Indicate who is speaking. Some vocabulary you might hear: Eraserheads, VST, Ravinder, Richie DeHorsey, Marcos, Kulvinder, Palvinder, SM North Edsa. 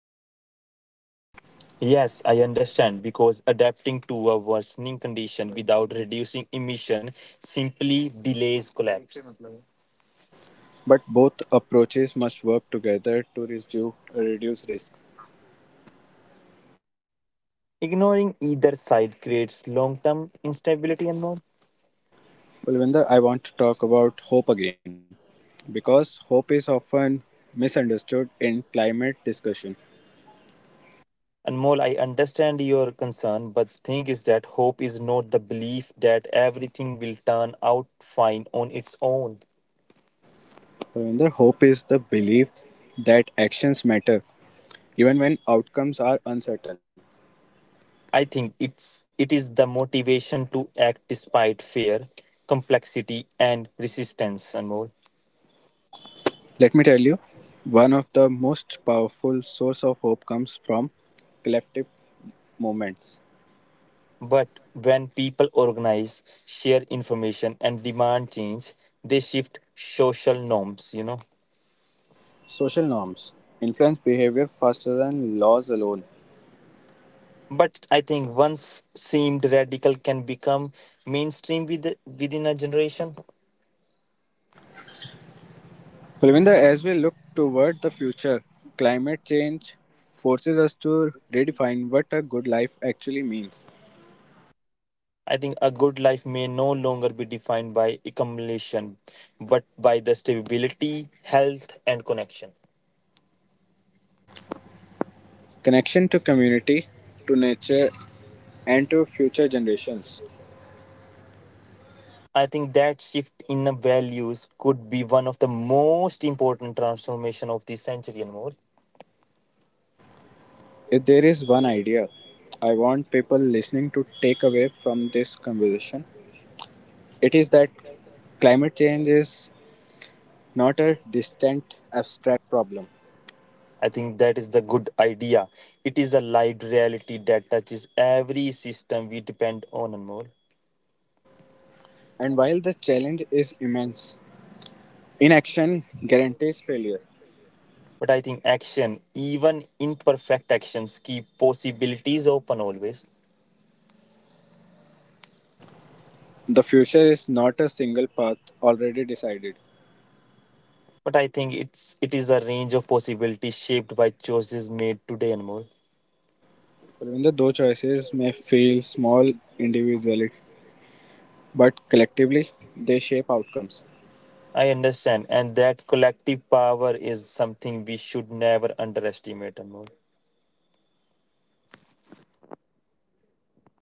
Speaker 1: Yes, I understand because adapting to a worsening condition without reducing emission simply delays collapse.
Speaker 2: But both approaches must work together to reduce risk.
Speaker 1: Ignoring either side creates long term instability, Anmol.
Speaker 2: Palvinder, I want to talk about hope again because hope is often misunderstood in climate discussion.
Speaker 1: Anmol, I understand your concern, but thing is that hope is not the belief that everything will turn out fine on its own.
Speaker 2: Ravinder, hope is the belief that actions matter even when outcomes are uncertain.
Speaker 1: I think it is the motivation to act despite fear, complexity, and resistance, Anmol.
Speaker 2: Let me tell you, one of the most powerful source of hope comes from collective movements.
Speaker 1: But when people organize, share information, and demand change, they shift social norms.
Speaker 2: Social norms influence behavior faster than laws alone.
Speaker 1: But I think once seemed radical can become mainstream within a generation.
Speaker 2: Kulvinder, as we look toward the future, climate change forces us to redefine what a good life actually means.
Speaker 1: I think a good life may no longer be defined by accumulation, but by the stability, health, and connection.
Speaker 2: Connection to community, to nature, and to future generations.
Speaker 1: I think that shift in the values could be one of the most important transformation of this century and more.
Speaker 2: If there is one idea I want people listening to take away from this conversation, it is that climate change is not a distant, abstract problem.
Speaker 1: I think that is the good idea. It is a light reality that touches every system we depend on and more.
Speaker 2: And while the challenge is immense, inaction guarantees failure.
Speaker 1: But I think action, even imperfect actions, keep possibilities open always.
Speaker 2: The future is not a single path already decided.
Speaker 1: But I think it is a range of possibilities shaped by choices made today and more.
Speaker 2: Even though choices may feel small individually, but collectively they shape outcomes.
Speaker 1: I understand, and that collective power is something we should never underestimate, Anmol.